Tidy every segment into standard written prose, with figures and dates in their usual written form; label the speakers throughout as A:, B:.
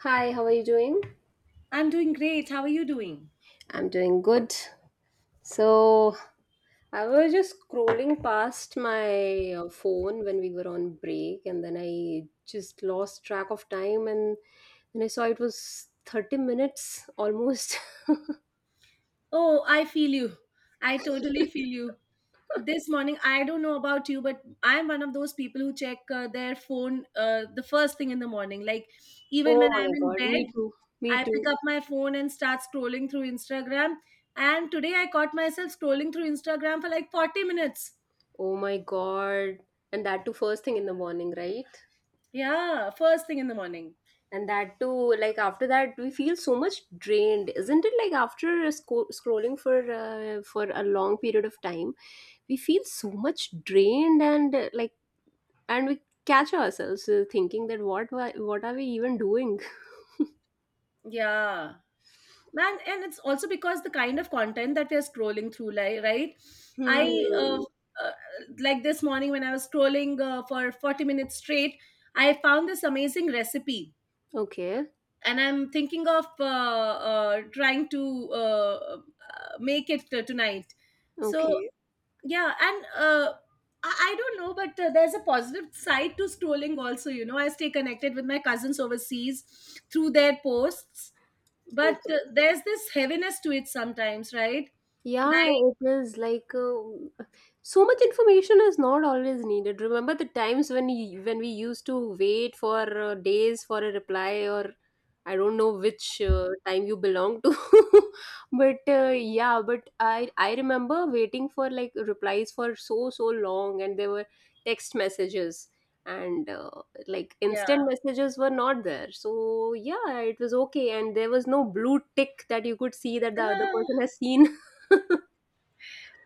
A: Hi, how are you doing?
B: I'm doing great. How are you doing?
A: I'm doing good. So, I was just scrolling past my phone when we were on break, and then I just lost track of time, and then I saw it was 30 minutes almost.
B: Oh, I feel you. I totally feel you. This morning, I don't know about you, but I'm one of those people who check their phone the first thing in the morning. Like, even
A: Oh
B: when I'm
A: my
B: in
A: god, me
B: bed,
A: too. Me
B: I pick
A: too.
B: up my phone and start scrolling through Instagram. And today, I caught myself scrolling through Instagram for like 40 minutes.
A: Oh my god. And that too, first thing in the morning, right?
B: Yeah, first thing in the morning.
A: And that too, like after that, we feel so much drained, isn't it? Like after scrolling for a long period of time, we feel so much drained and and we catch ourselves thinking that what are we even doing.
B: Yeah, man. And it's also because the kind of content that we're scrolling through, like, right? I Mm.
A: Hmm.
B: Like this morning when I was scrolling for 40 minutes straight, I found this amazing recipe
A: Okay.
B: and I'm thinking of trying to make it tonight. So
A: Okay.
B: yeah. And I don't know, but there's a positive side to scrolling also. You know, I stay connected with my cousins overseas through their posts, but
A: Okay.
B: there's this heaviness to it sometimes, right?
A: Yeah,
B: Like,
A: it is like, so much information is not always needed. Remember the times when when we used to wait for days for a reply? Or I don't know which time you belong to, but yeah, but I remember waiting for like replies for so long, and there were text messages and
B: yeah.
A: instant messages were not there. So yeah, it was okay, and there was no blue tick that you could see that the other person
B: Ah,
A: has seen.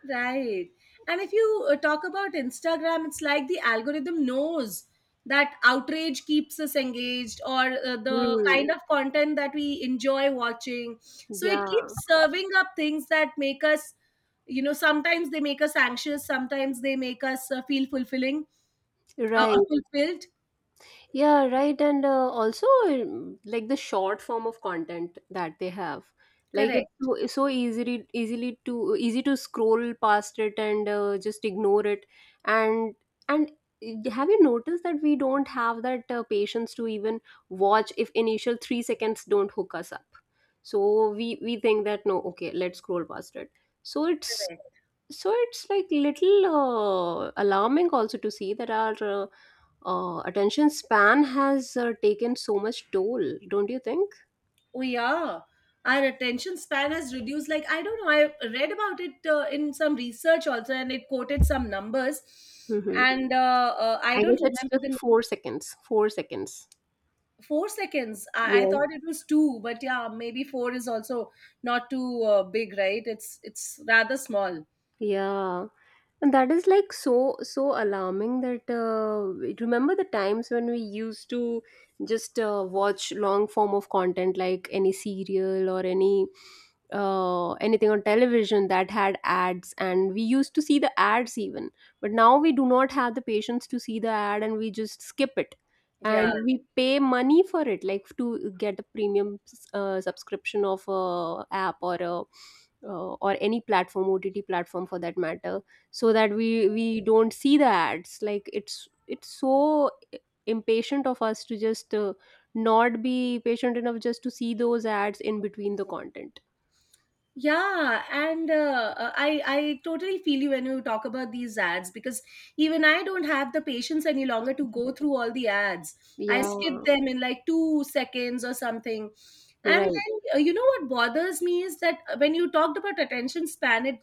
B: right. And if you talk about Instagram, it's like the algorithm knows that outrage keeps us engaged, or the
A: Hmm.
B: kind of content that we enjoy watching. So it
A: Yeah,
B: keeps serving up things that make us, you know, sometimes they make us anxious, sometimes they make us feel fulfilling
A: right.
B: fulfilled.
A: Yeah, right. And, also, like the short form of content that they have, like
B: Correct.
A: it's so easily to easy to scroll past it and just ignore it. And and have you noticed that we don't have that patience to even watch if initial 3 seconds don't hook us up? So we think that no, okay, let's scroll past it. So it's,
B: Correct.
A: so it's like little, alarming also to see that our attention span has taken so much toll, don't you think?
B: Oh yeah, our attention span has reduced. Like, I don't know, I read about it in some research also, and it quoted some numbers,
A: Hmm.
B: and I
A: I guess
B: don't
A: it's
B: remember
A: just
B: the
A: 4 seconds. 4 seconds.
B: 4 seconds. I
A: Yeah.
B: thought it was two, but yeah, maybe four is also not too big, right? It's rather small.
A: Yeah. And that is like so alarming that, remember the times when we used to just watch long form of content like any serial or any anything on television that had ads, and we used to see the ads even. But now we do not have the patience to see the ad and we just skip it, and
B: Yeah.
A: we pay money for it like to get a premium subscription of a app or a or any platform, ott platform for that matter, so that we don't see the ads. Like it's so impatient of us to just not be patient enough just to see those ads in between the content.
B: Yeah, and I I totally feel you when you talk about these ads, because even I don't have the patience any longer to go through all the ads. I skip
A: Yeah.
B: them in like 2 seconds or something. And
A: Right.
B: then you know what bothers me is that when you talked about attention span, it,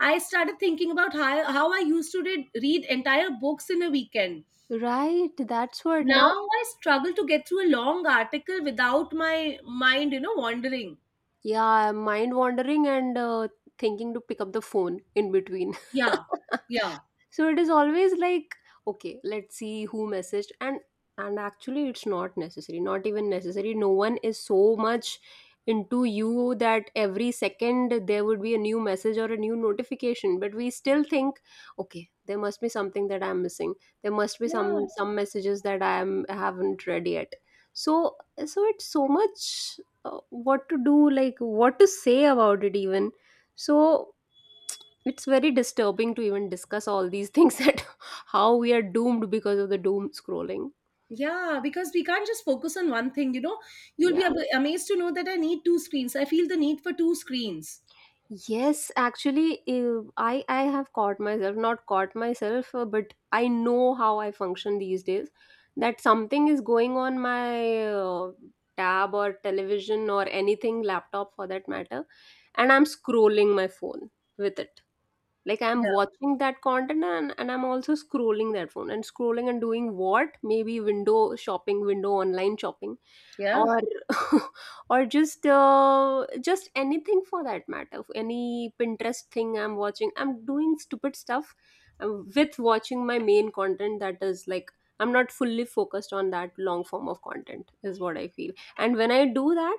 B: I started thinking about how I used to read entire books in a weekend.
A: Right, that's what.
B: Now
A: Now
B: I struggle to get through a long article without my mind, you know, wandering.
A: yeah, I'm mind wandering and thinking to pick up the phone in between.
B: Yeah, yeah,
A: So it is always like, okay, let's see who messaged. And actually it's not necessary, not even necessary. No one is so much into you that every second there would be a new message or a new notification, but we still think, okay, there must be something that I'm missing. There must be
B: yeah.
A: some messages that I haven't read yet. So so it's so much, what to do, like what to say about it even. So it's very disturbing to even discuss all these things that how we are doomed because of the doom scrolling.
B: Yeah, because we can't just focus on one thing, you know. You'll
A: Yeah.
B: be amazed to know that I need two screens. I feel the need for two screens.
A: Yes, actually, I have caught myself, not caught myself, but I know how I function these days, that something is going on my tab or television or anything, laptop for that matter, and I'm scrolling my phone with it. Like I'm
B: Yeah.
A: watching that content and I'm also scrolling that phone and scrolling and doing what? Maybe window shopping, window online shopping,
B: Yeah.
A: or or just anything for that matter. Any Pinterest thing I'm watching, I'm doing stupid stuff, with watching my main content. That is like I'm not fully focused on that long form of content is what I feel. And when I do that,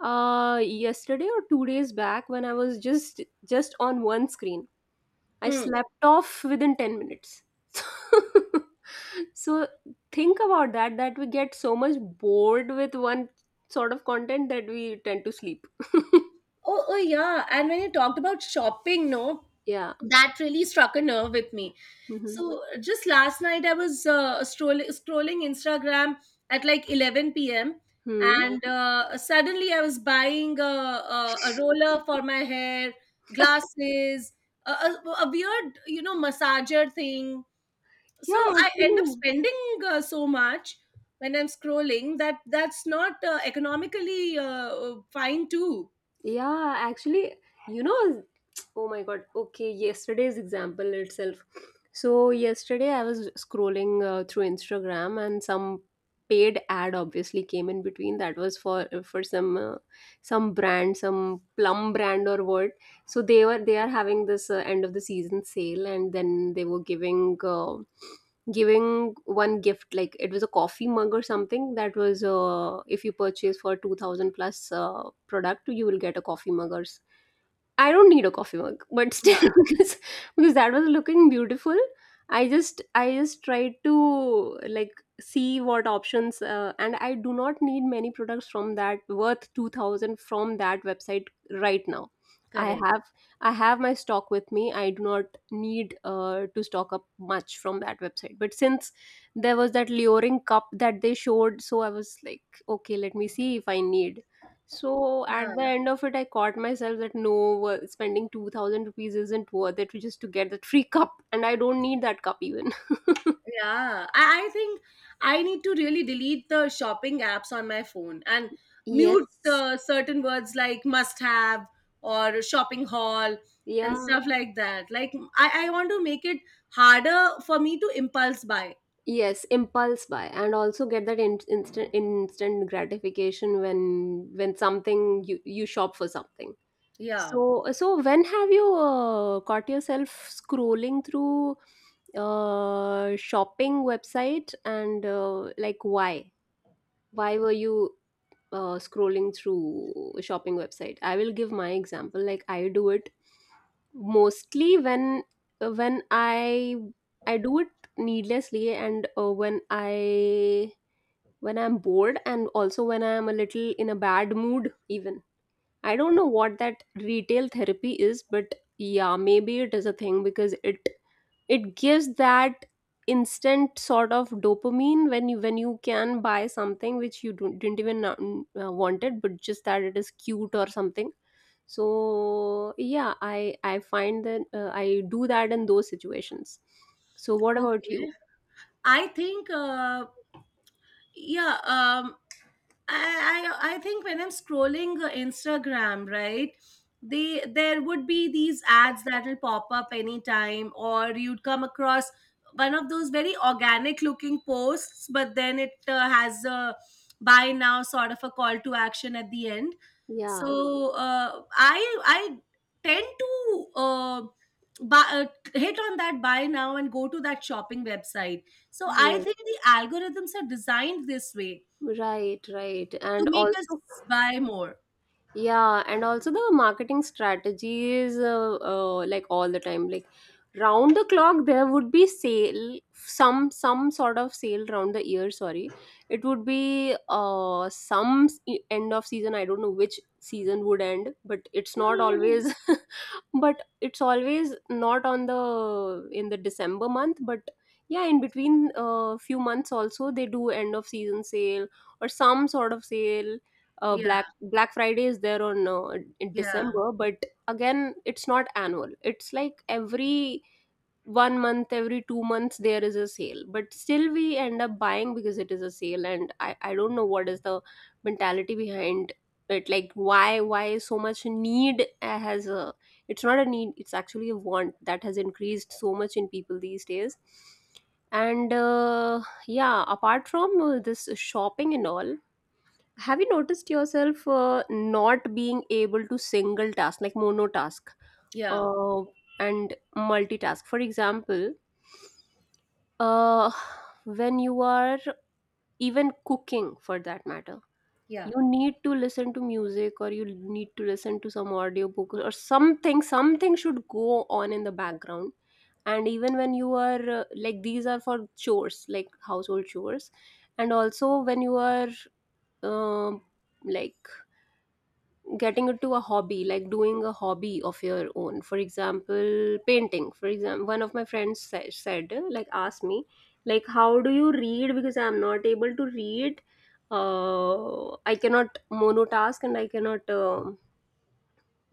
A: uh, yesterday or 2 days back, when I was just on one screen, I
B: Hmm.
A: slept off within 10 minutes. So think about that, that we get so much bored with one sort of content that we tend to sleep.
B: Oh, oh, yeah. And when you talked about shopping, no,
A: Yeah.
B: that really struck a nerve with me.
A: Hmm.
B: So just last night, I was scrolling Instagram at like 11 p.m.
A: Hmm.
B: And suddenly I was buying a roller for my hair, glasses, a weird, you know, massager thing. So
A: Yeah,
B: I end up
A: actually.
B: spending so much when I'm scrolling. That that's not economically fine too.
A: Yeah, actually, you know, oh my god. Okay, yesterday's example itself. So, yesterday I was scrolling through Instagram, and some paid ad obviously came in between that was for some brand, some plum brand or what. So they are having this, end of the season sale, and then they were giving giving one gift, like it was a coffee mug or something, that was, if you purchase for 2000 plus product, you will get a coffee mug. Or I don't need a coffee mug, but still,
B: Yeah,
A: because, because that was looking beautiful, I just tried to like see what options, and I do not need many products from that, worth 2,000, from that website right now. I
B: correct.
A: have, I have my stock with me. I do not need to stock up much from that website. But since there was that luring cup that they showed, so I was like, okay, let me see if I need. So at
B: Yeah,
A: the end of it, I caught myself that no, spending 2000 rupees isn't worth it just to get that free cup, and I don't need that cup even.
B: yeah, I think I need to really delete the shopping apps on my phone and mute
A: Yes.
B: certain words like "must have" or "shopping haul" and
A: Yeah.
B: stuff like that. Like, I want to make it harder for me to impulse buy.
A: Yes, impulse buy, and also get that in, instant, instant gratification when something, you shop for something.
B: Yeah.
A: So so when have you caught yourself scrolling through uh, shopping website and, like why? Why were you, scrolling through a shopping website? I will give my example. Like I do it mostly when, when I do it needlessly, and, when I when I'm bored, and also when I'm a little in a bad mood even. I don't know what that retail therapy is, but yeah, maybe it is a thing, because it gives that instant sort of dopamine when you can buy something which you don't, didn't even wanted, but just that it is cute or something. So yeah, I find that, I do that in those situations. So what about you?
B: Okay. I think, yeah, I think when I'm scrolling Instagram, right, they there would be these ads that'll pop up anytime, or you'd come across one of those very organic looking posts, but then it has a "buy now" sort of a call to action at the end.
A: Yeah,
B: So I tend to hit on that "buy now" and go to that shopping website. So I
A: right.
B: think the algorithms are designed this way
A: Right, right.
B: to
A: And
B: make us
A: also,
B: buy more.
A: yeah, and also the marketing strategies, like all the time, like round the clock there would be sale, some sort of sale round the year, sorry. It would be uh, some end of season. I don't know which season would end, but it's not always. But it's always not on the, in the december month, but yeah, in between, few months also they do end of season sale or some sort of sale. Uh,
B: Yeah,
A: black friday is there on, in
B: yeah,
A: december. But again it's not annual, it's like every 1 month, every 2 months there is a sale, but still we end up buying because it is a sale. And I don't know what is the mentality behind it, like why so much need, has a it's not a need, it's actually a want that has increased so much in people these days. And, yeah, apart from, this shopping and all, have you noticed yourself, not being able to single task, like monotask,
B: yeah,
A: uh, and multitask. For example, uh, when you are even cooking for that matter,
B: yeah.
A: you need to listen to music, or you need to listen to some audiobook, or something, something should go on in the background. And even when you are, like these are for chores, like household chores, and also when you are, um, like getting into a hobby, like doing a hobby of your own, for example painting. For example, one of my friends, said, like asked me, like how do you read, because I'm not able to read, I cannot monotask and I cannot,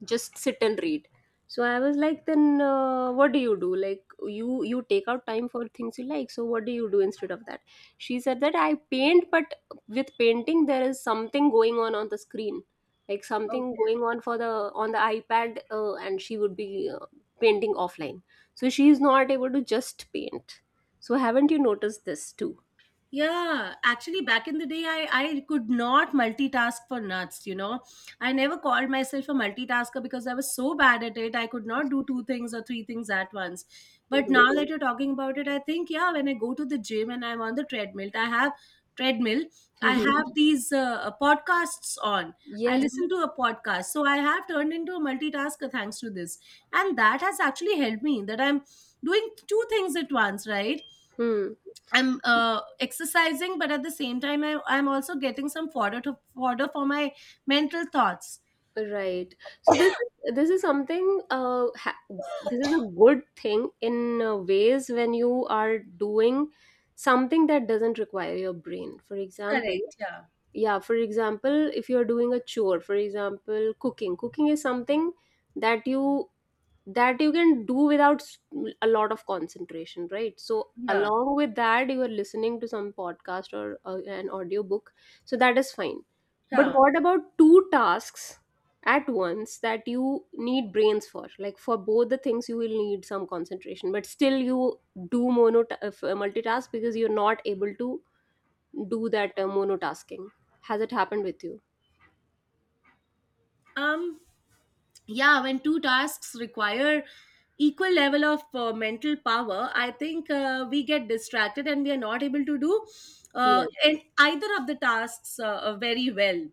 A: just sit and read. So I was like, then, what do you do, like you take out time for things you like, so what do you do instead of that? She said that I paint, but with painting there is something going on the screen, like something
B: Okay.
A: going on for the on the ipad, and she would be, painting offline. So she is not able to just paint. So haven't you noticed this too?
B: Yeah, actually, back in the day, I could not multitask for nuts, you know. I never called myself a multitasker because I was so bad at it. I could not do two things or three things at once. But
A: Hmm.
B: now that you're talking about it, I think, yeah, when I go to the gym and I'm on the treadmill, treadmill, I have these podcasts on. I
A: Yes.
B: listen to a podcast. So I have turned into a multitasker thanks to this. And that has actually helped me that I'm doing two things at once, right?
A: Hmm.
B: I'm exercising, but at the same time, I'm also getting some fodder to fodder for my mental thoughts.
A: Right. So this is something, ha this is a good thing in, ways, when you are doing something that doesn't require your brain. For example,
B: Correct. Yeah.
A: yeah, for example, if you're doing a chore, for example, cooking. Cooking is something that you that you can do without a lot of concentration, right? So
B: Yeah.
A: along with that you are listening to some podcast or an audiobook, so that is fine. But
B: Yeah.
A: what about two tasks at once that you need brains for? Like for both the things you will need some concentration, but still you do multitask because you're not able to do that monotasking. Has it happened with you?
B: Um. Yeah. When two tasks require equal level of mental power, I think we get distracted and we are not able to do
A: Yes,
B: and either of the tasks very well.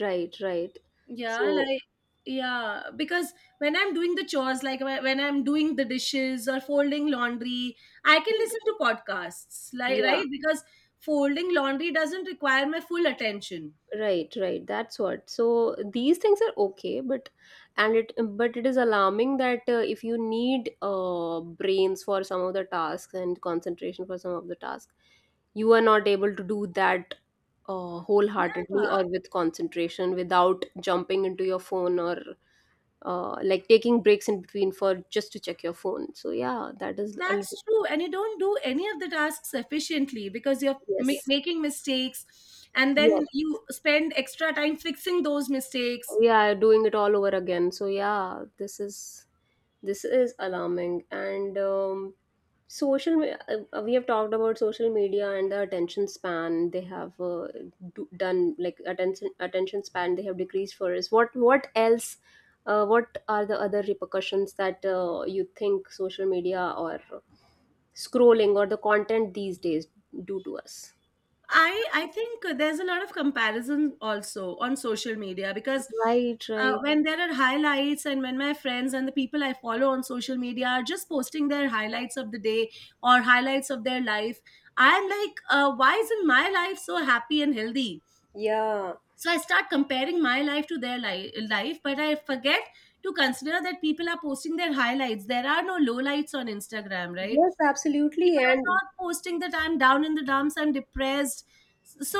A: right, right,
B: Yeah,
A: so
B: like, yeah, because when I'm doing the chores, like when I'm doing the dishes or folding laundry, I can listen to podcasts, like,
A: yeah.
B: right? Because folding laundry doesn't require my full attention.
A: Right, right. That's what. So these things are okay, but and it but it is alarming that, if you need brains for some of the tasks and concentration for some of the tasks, you are not able to do that wholeheartedly
B: Yeah,
A: or with concentration without jumping into your phone or, like, taking breaks in between for just to check your phone. So yeah, that is a little.
B: that's true. And you don't do any of the tasks efficiently because you're
A: Yes,
B: making mistakes, and
A: yes.
B: then you spend extra time fixing those mistakes.
A: Yeah, doing it all over again. So yeah, this is. This is alarming. And we have talked about social media and the attention span they have, done, like attention span they have decreased for us. What else? What are the other repercussions that, you think social media or scrolling or the content these days do to us?
B: I think there's a lot of comparison also on social media, because
A: Right, right.
B: when there are highlights, and when my friends and the people I follow on social media are just posting their highlights of the day or highlights of their life, I'm like, why isn't my life so happy and healthy?
A: Yeah.
B: So I start comparing my life to their life, but I forget to consider that people are posting their highlights. There are no lowlights on Instagram, right?
A: Yes, absolutely.
B: People are
A: And.
B: not posting that I'm down in the dumps, I'm depressed. So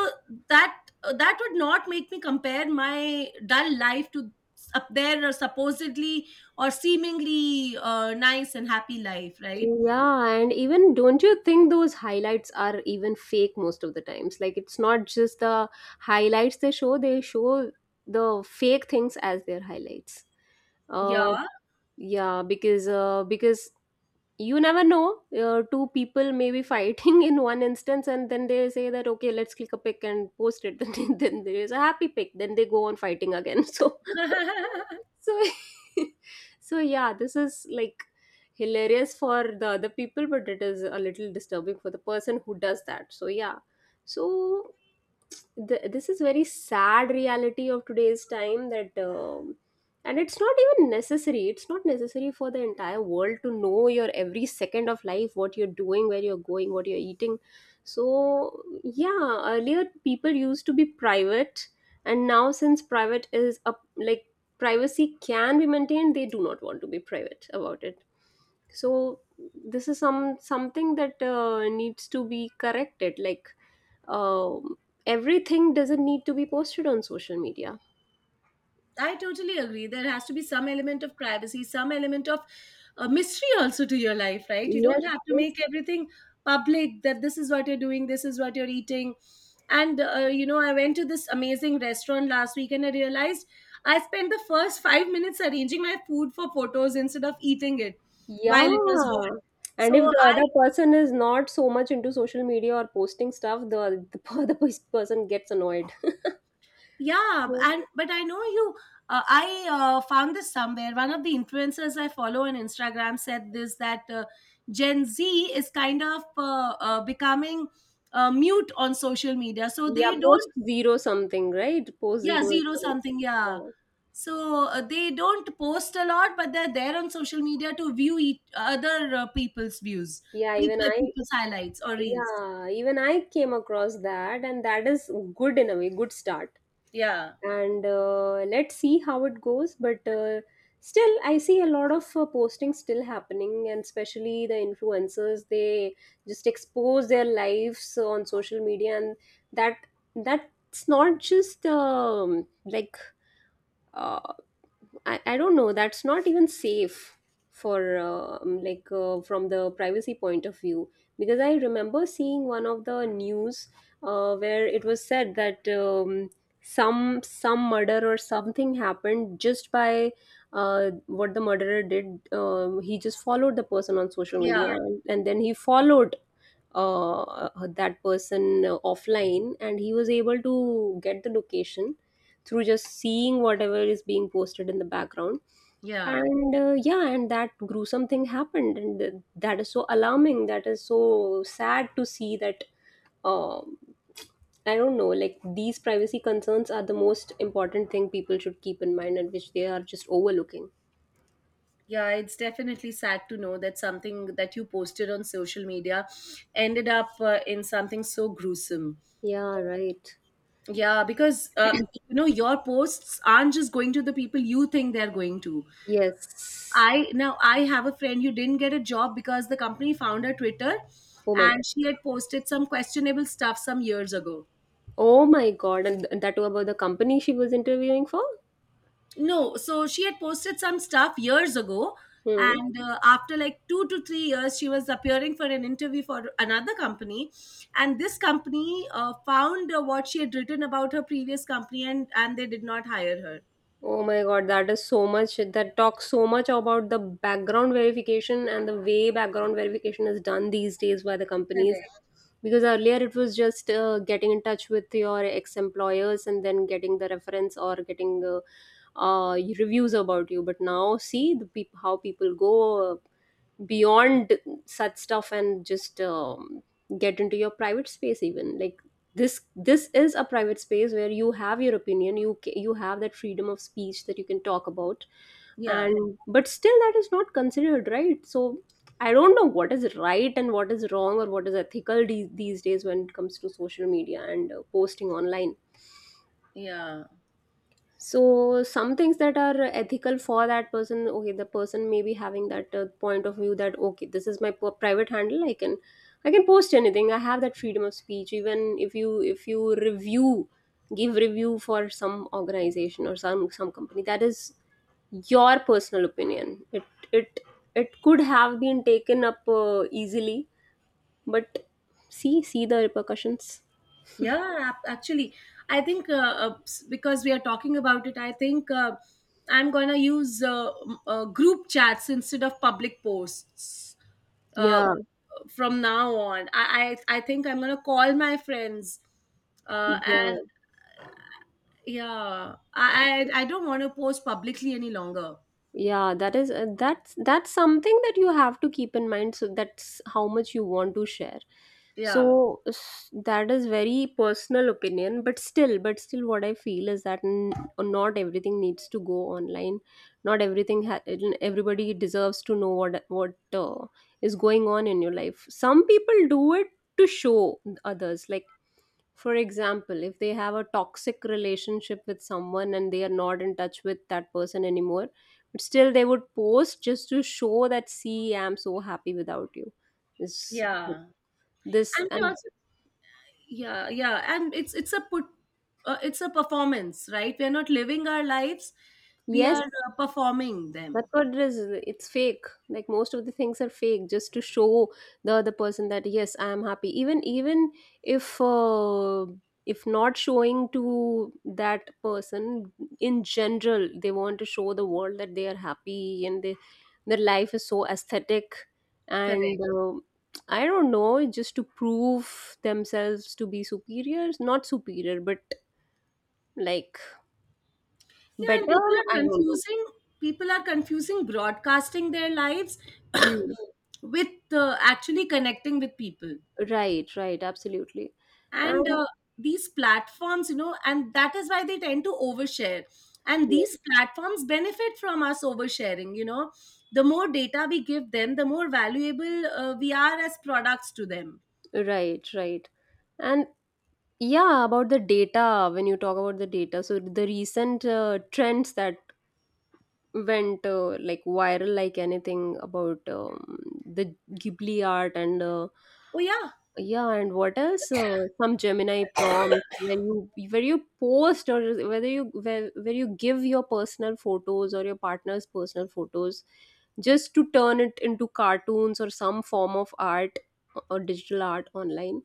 B: that, that would not make me compare my dull life to up there, or supposedly or seemingly nice and happy life, right?
A: Yeah, and even don't you think those highlights are even fake most of the times? Like, it's not just the highlights they show the fake things as their highlights.
B: Yeah.
A: Uh yeah, because you never know, two people may be fighting in one instance, and then they say that okay, let's click a pic and post it, then there is a happy pic, then they go on fighting again. So so so yeah, this is like hilarious for the other people, but it is a little disturbing for the person who does that. So yeah, so this is very sad reality of today's time, that and it's not even necessary. It's not necessary for the entire world to know your every second of life, what you're doing, where you're going, what you're eating. So yeah, earlier people used to be private, and now since private is up, like privacy can be maintained, they do not want to be private about it. So this is something that, needs to be corrected. Like, uh, everything doesn't need to be posted on social media.
B: I totally agree. There has to be some element of privacy, some element of mystery also to your life, right? You don't
A: Yes,
B: have to
A: yes.
B: make everything public, that this is what you're doing, this is what you're eating. And, you know, I went to this amazing restaurant last week and I realized I spent the first 5 minutes arranging my food for photos instead of eating it while it was
A: Yeah.
B: hot.
A: And
B: So
A: if the
B: I,
A: other person is not so much into social media or posting stuff, the other person gets annoyed.
B: yeah,
A: Yeah.
B: and but I know you. I found this somewhere. One of the influencers I follow on Instagram said this, that Gen Z is kind of becoming mute on social media, so
A: Yeah,
B: they
A: post
B: don't.
A: zero something, right? Post
B: Yeah,
A: zero is
B: zero
A: coming.
B: something. Yeah,
A: Yeah.
B: so they don't post a lot, but they're there on social media to view each, other people's views,
A: Yeah, even I.
B: people's highlights or reels.
A: Yeah, even I came across that and that is good in a way, good start.
B: Yeah,
A: And, let's see how it goes, but, still I see a lot of, posting still happening, and especially the influencers, they just expose their lives on social media, and that that's not just, like, uh, I don't know, that's not even safe, for like, from the privacy point of view. Because I remember seeing one of the news, where it was said that, some murder or something happened just by, what the murderer did. He just followed the person on social
B: yeah,
A: media, and then he followed, that person, offline, and he was able to get the location through just seeing whatever is being posted in the background.
B: yeah.
A: And, yeah, and that gruesome thing happened, and that is so alarming. That is so sad to see that. um I don't know, like, these privacy concerns are the most important thing people should keep in mind, and which they are just overlooking.
B: Yeah, it's definitely sad to know that something that you posted on social media ended up in something so gruesome.
A: Yeah, right.
B: Yeah, because you know your posts aren't just going to the people you think they're going to.
A: Yes.
B: I, now I have a friend who didn't get a job because the company found her Twitter,
A: Oh my god.
B: and she had posted some questionable stuff some years ago.
A: Oh my god, and that too about the company she was interviewing for.
B: No, so she had posted some stuff years ago,
A: Hmm.
B: and after like 2 to 3 years, she was appearing for an interview for another company, and this company found what she had written about her previous company, and they did not hire her.
A: Oh my God, that is so much, that talks so much about the background verification, and the way background verification is done these days by the companies.
B: Correct.
A: Because earlier it was just, getting in touch with your ex-employers and then getting the reference, or getting, reviews about you. But now, see the peop how people go, beyond such stuff and just, get into your private space. Even, like, this is a private space where you have your opinion, you you have that freedom of speech that you can talk about.
B: Yeah,
A: And but still that is not considered right. So I don't know what is right and what is wrong, or what is ethical these days when it comes to social media and, posting online.
B: yeah.
A: So some things that are ethical for that person, okay, the person may be having that, point of view, that okay, this is my private handle, I can I can post anything. I have that freedom of speech. Even if you review, give review for some organization or some company, that is your personal opinion. It it it could have been taken up, easily. But see, see the repercussions.
B: Yeah, actually, I think because we are talking about it, I think I'm gonna use group chats instead of public posts uh,
A: Yeah.
B: from now on. I think I'm gonna call my friends, and
A: Yeah.
B: yeah, I don't want to post publicly any longer.
A: Yeah, that is, that's something that you have to keep in mind, so that's how much you want to share.
B: Yeah,
A: So that is very personal opinion, but still, what I feel is that, not everything needs to go online. Not everything everybody deserves to know what is going on in your life. Some people do it to show others, like, for example, if they have a toxic relationship with someone and they are not in touch with that person anymore, but still they would post just to show that, see, I'm so happy without you. This,
B: yeah, and we
A: and
B: also, yeah, yeah, and it's a put it's a performance, right? We're not living our lives, we
A: yes,
B: are performing
A: that's
B: them.
A: what it is. It's fake. Like, most of the things are fake, just to show the other person that yes, I am happy. Even, even if, if not showing to that person, in general, they want to show the world that they are happy, and they their life is so aesthetic. And,
B: Correct.
A: I don't know, just to prove themselves to be superior, not superior, but, like,
B: Yeah, and
A: better. I don't know.
B: people are confusing broadcasting their lives
A: Hmm.
B: with actually connecting with people.
A: Right, right, absolutely.
B: And
A: And
B: these platforms, you know, and that is why they tend to overshare, and
A: yes,
B: these platforms benefit from us oversharing, you know. The more data we give them, the more valuable we are as products to them.
A: right, right. And yeah, about the data, when you talk about the data, so the recent, trends that went, like, viral like anything, about, the Ghibli art and,
B: Oh yeah,
A: yeah, and what else? Some Gemini prompts where you post, or whether where you give your personal photos or your partner's personal photos just to turn it into cartoons or some form of art or digital art online.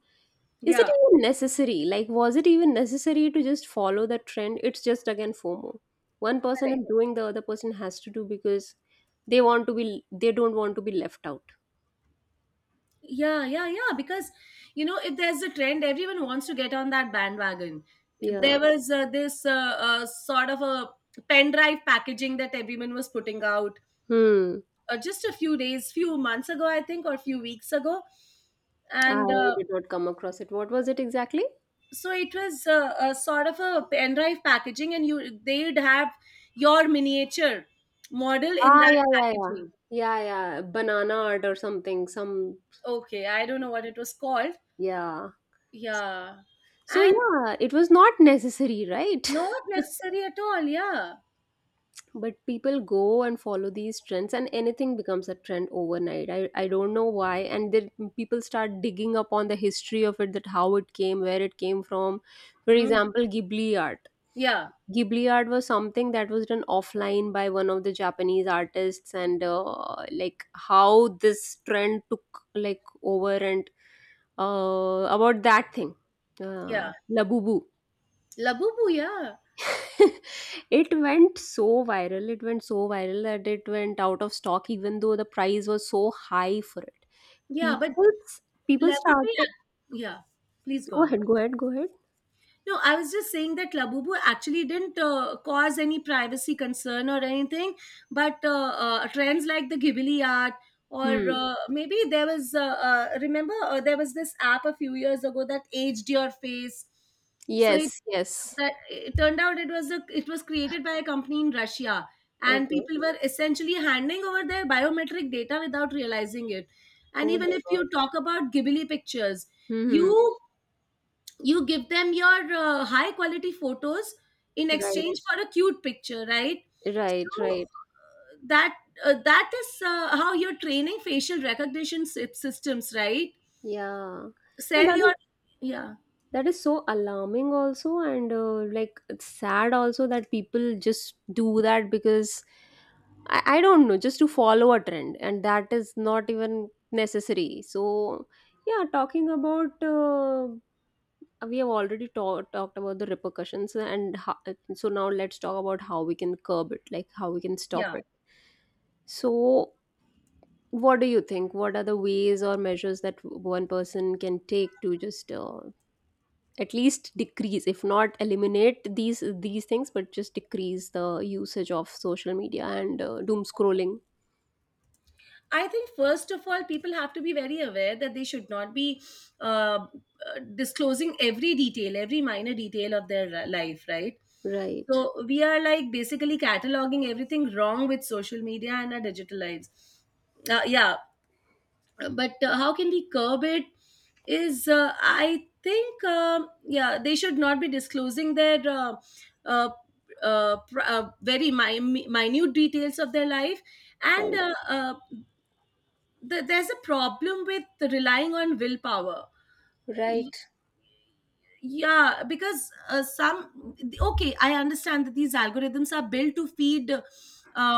A: Is it
B: yeah.
A: even necessary? Like, was it even necessary to just follow the trend? It's just again FOMO. One person
B: Correct.
A: is doing, the other person has to do because they want to be, they don't want to be left out.
B: Yeah, yeah, yeah. Because, you know, if there's a trend, everyone wants to get on that bandwagon.
A: Yeah.
B: There was this sort of a pen drive packaging that everyone was putting out
A: Hmm.
B: just a few days, few months ago, I think, or a few weeks ago, and
A: I did not come across it. What was it exactly?
B: so it was a sort of a pen drive packaging, and you they'd have your miniature model in
A: Ah,
B: that
A: yeah, yeah, yeah.
B: packaging.
A: Yeah, yeah. Banana art or something. Some,
B: Okay, I don't know what it was called.
A: yeah.
B: Yeah,
A: So,
B: and
A: yeah, it was not necessary, right?
B: not necessary at all, yeah.
A: But people go and follow these trends, and anything becomes a trend overnight. I don't know why. And then people start digging up on the history of it, that how it came, where it came from. For
B: Mm,
A: example, Ghibli art.
B: yeah,
A: Ghibli art was something that was done offline by one of the Japanese artists, and, like, how this trend took, like, over. And, about that thing,
B: yeah.
A: Labubu.
B: Labubu, yeah.
A: It went so viral. It went so viral that it went out of stock, even though the price was so high for it.
B: Yeah, but
A: People, people
B: Labubu, yeah.
A: started.
B: Yeah, please go
A: Go
B: on.
A: ahead. Go ahead. Go ahead.
B: No, I was just saying that Labubu actually didn't cause any privacy concern or anything, but trends like the Ghibli art, or
A: Hmm.
B: maybe there was, remember, there was this app a few years ago that aged your face. So it,
A: Yes. Yes.
B: that, it turned out it was a, it was created by a company in Russia, and
A: Okay.
B: people were essentially handing over their biometric data without realizing it. And
A: Oh
B: even
A: my
B: if
A: God.
B: you talk about Ghibli pictures,
A: Hmm.
B: you you give them your high quality photos in
A: Right.
B: exchange for a cute picture, right?
A: Right.
B: So
A: Right.
B: that, that is how you're training facial recognition systems, right?
A: Yeah, and
B: Sell your, yeah,
A: that is so alarming also, and, like, it's sad also that people just do that because I don't know, just to follow a trend, and that is not even necessary. So yeah, talking about, we have already talked about the repercussions, and how, so now let's talk about how we can curb it, like, how we can stop
B: yeah.
A: it. So what do you think? What are the ways or measures that one person can take to just, at least decrease if not eliminate these things, but just decrease the usage of social media and, doom scrolling.
B: I think first of all, people have to be very aware that they should not be uh, disclosing every detail, every minor detail of their life, right?
A: Right,
B: So we are like basically cataloging everything wrong with social media and our digital lives. Yeah, but how can we curb it? Is I think yeah they should not be disclosing their uh, very minute details of their life, and
A: right,
B: there's a problem with relying on willpower. Y-
A: right.
B: yeah, because some, okay, I understand that these algorithms are built to feed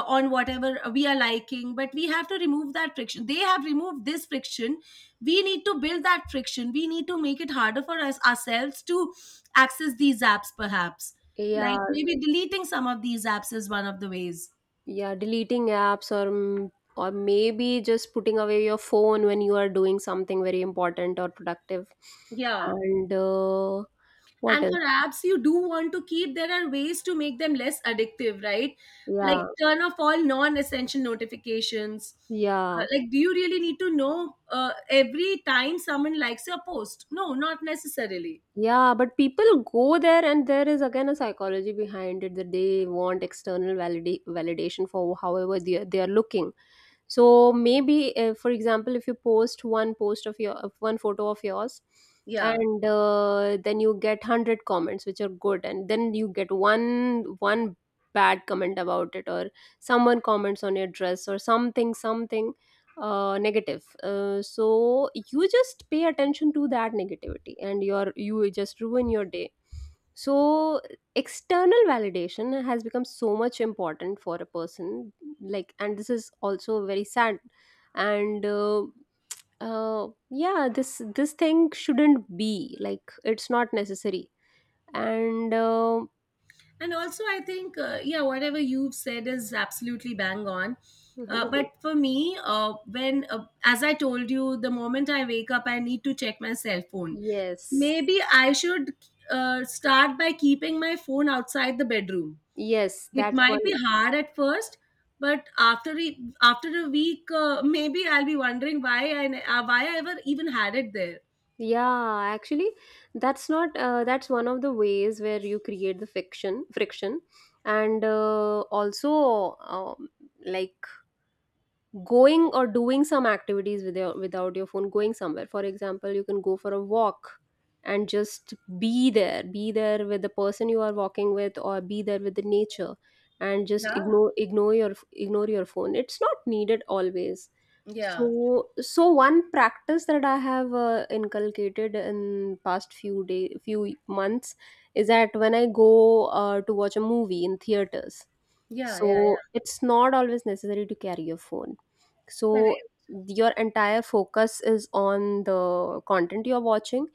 B: on whatever we are liking, but we have to remove that friction. They have removed this friction. We need to build that friction. We need to make it harder for us ourselves to access these apps, perhaps.
A: Yeah.
B: Like, maybe deleting some of these apps is one of the ways.
A: Yeah, deleting apps or or maybe just putting away your phone when you are doing something very important or productive.
B: Yeah,
A: And, what
B: and
A: else?
B: for apps you do want to keep, there are ways to make them less addictive, right? Like,
A: Yeah.
B: yeah, turn off all non-essential notifications.
A: Yeah.
B: Like, do you really need to know uh, every time someone likes your post? No, not necessarily.
A: Yeah, but people go there, and there is again a psychology behind it that they want external validation for however they are looking. So maybe, for example, if you post one post of your of one photo of yours,
B: Yeah.
A: and, then you get 100 comments which are good, and then you get one bad comment about it, or someone comments on your dress, or something, something, negative. So you just pay attention to that negativity, and you just ruin your day. So external validation has become so much important for a person. Like, and this is also very sad. And, yeah, this thing shouldn't be, like, it's not necessary. And,
B: And also, I think, yeah, whatever you've said is absolutely bang on.
A: mhm.
B: But for me, as I told you, the moment I wake up, I need to check my cell phone.
A: Yes,
B: Maybe I should start by keeping my phone outside the bedroom.
A: yes,
B: It
A: that's
B: might be
A: one.
B: hard at first, but after a week, maybe I'll be wondering why why I ever even had it there.
A: Yeah, actually, that's not, that's one of the ways where you create the fiction friction, and, also, like, going or doing some activities with your without your phone, going somewhere. For example, you can go for a walk and just be there, be there with the person you are walking with, or be there with the nature, and just
B: Yeah,
A: ignore ignore your phone. It's not needed always.
B: yeah,
A: So so one practice that I have, inculcated in past few months is that when I go, to watch a movie in theaters,
B: yeah, yeah,
A: so
B: yeah.
A: it's not always necessary to carry your phone. So
B: Correct.
A: your entire focus is on the content you're watching.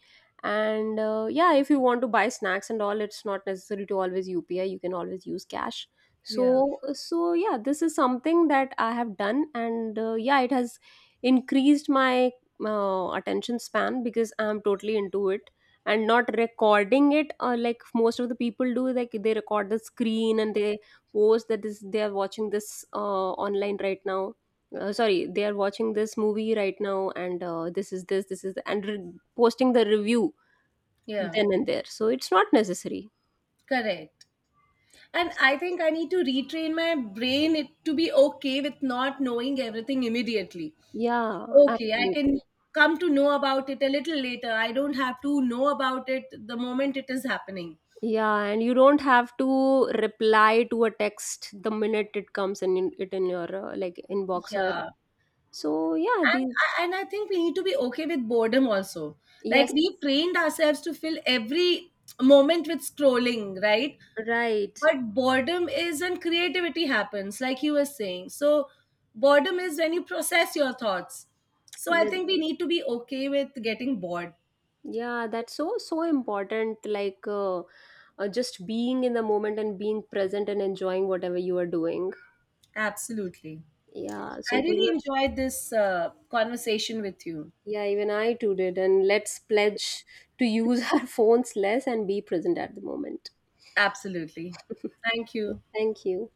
A: And, yeah, if you want to buy snacks and all, it's not necessary to always UPI, you can always use cash.
B: Yeah,
A: So so yeah, this is something that I have done, and, yeah, it has increased my, attention span, because I'm totally into it, and not recording it, like most of the people do, like they record the screen and they post that this they are watching this, online right now, sorry, they are watching this movie right now. And, this this is the, and posting the review
B: yeah,
A: then and there. So it's not necessary.
B: correct. And I think I need to retrain my brain it to be okay with not knowing everything immediately.
A: Yeah,
B: Okay, I can
A: absolutely.
B: come to know about it a little later. I don't have to know about it the moment it is happening.
A: Yeah, and you don't have to reply to a text the minute it comes it in your, like, inbox or.
B: Yeah.
A: So yeah, the.
B: And I think we need to be okay with boredom also. Like,
A: Yes,
B: we trained ourselves to fill every moment with scrolling, right?
A: right.
B: But boredom is when creativity happens, like you were saying. So boredom is when you process your thoughts. So I
A: The-
B: think we need to be okay with getting bored.
A: yeah, that's so so important, like, just being in the moment and being present and enjoying whatever you are doing.
B: Absolutely.
A: Yeah, so
B: I
A: it was.
B: really enjoyed this conversation with you.
A: Yeah, even I too did. And let's pledge to use our phones less and be present at the moment.
B: Absolutely. Thank you.
A: Thank you.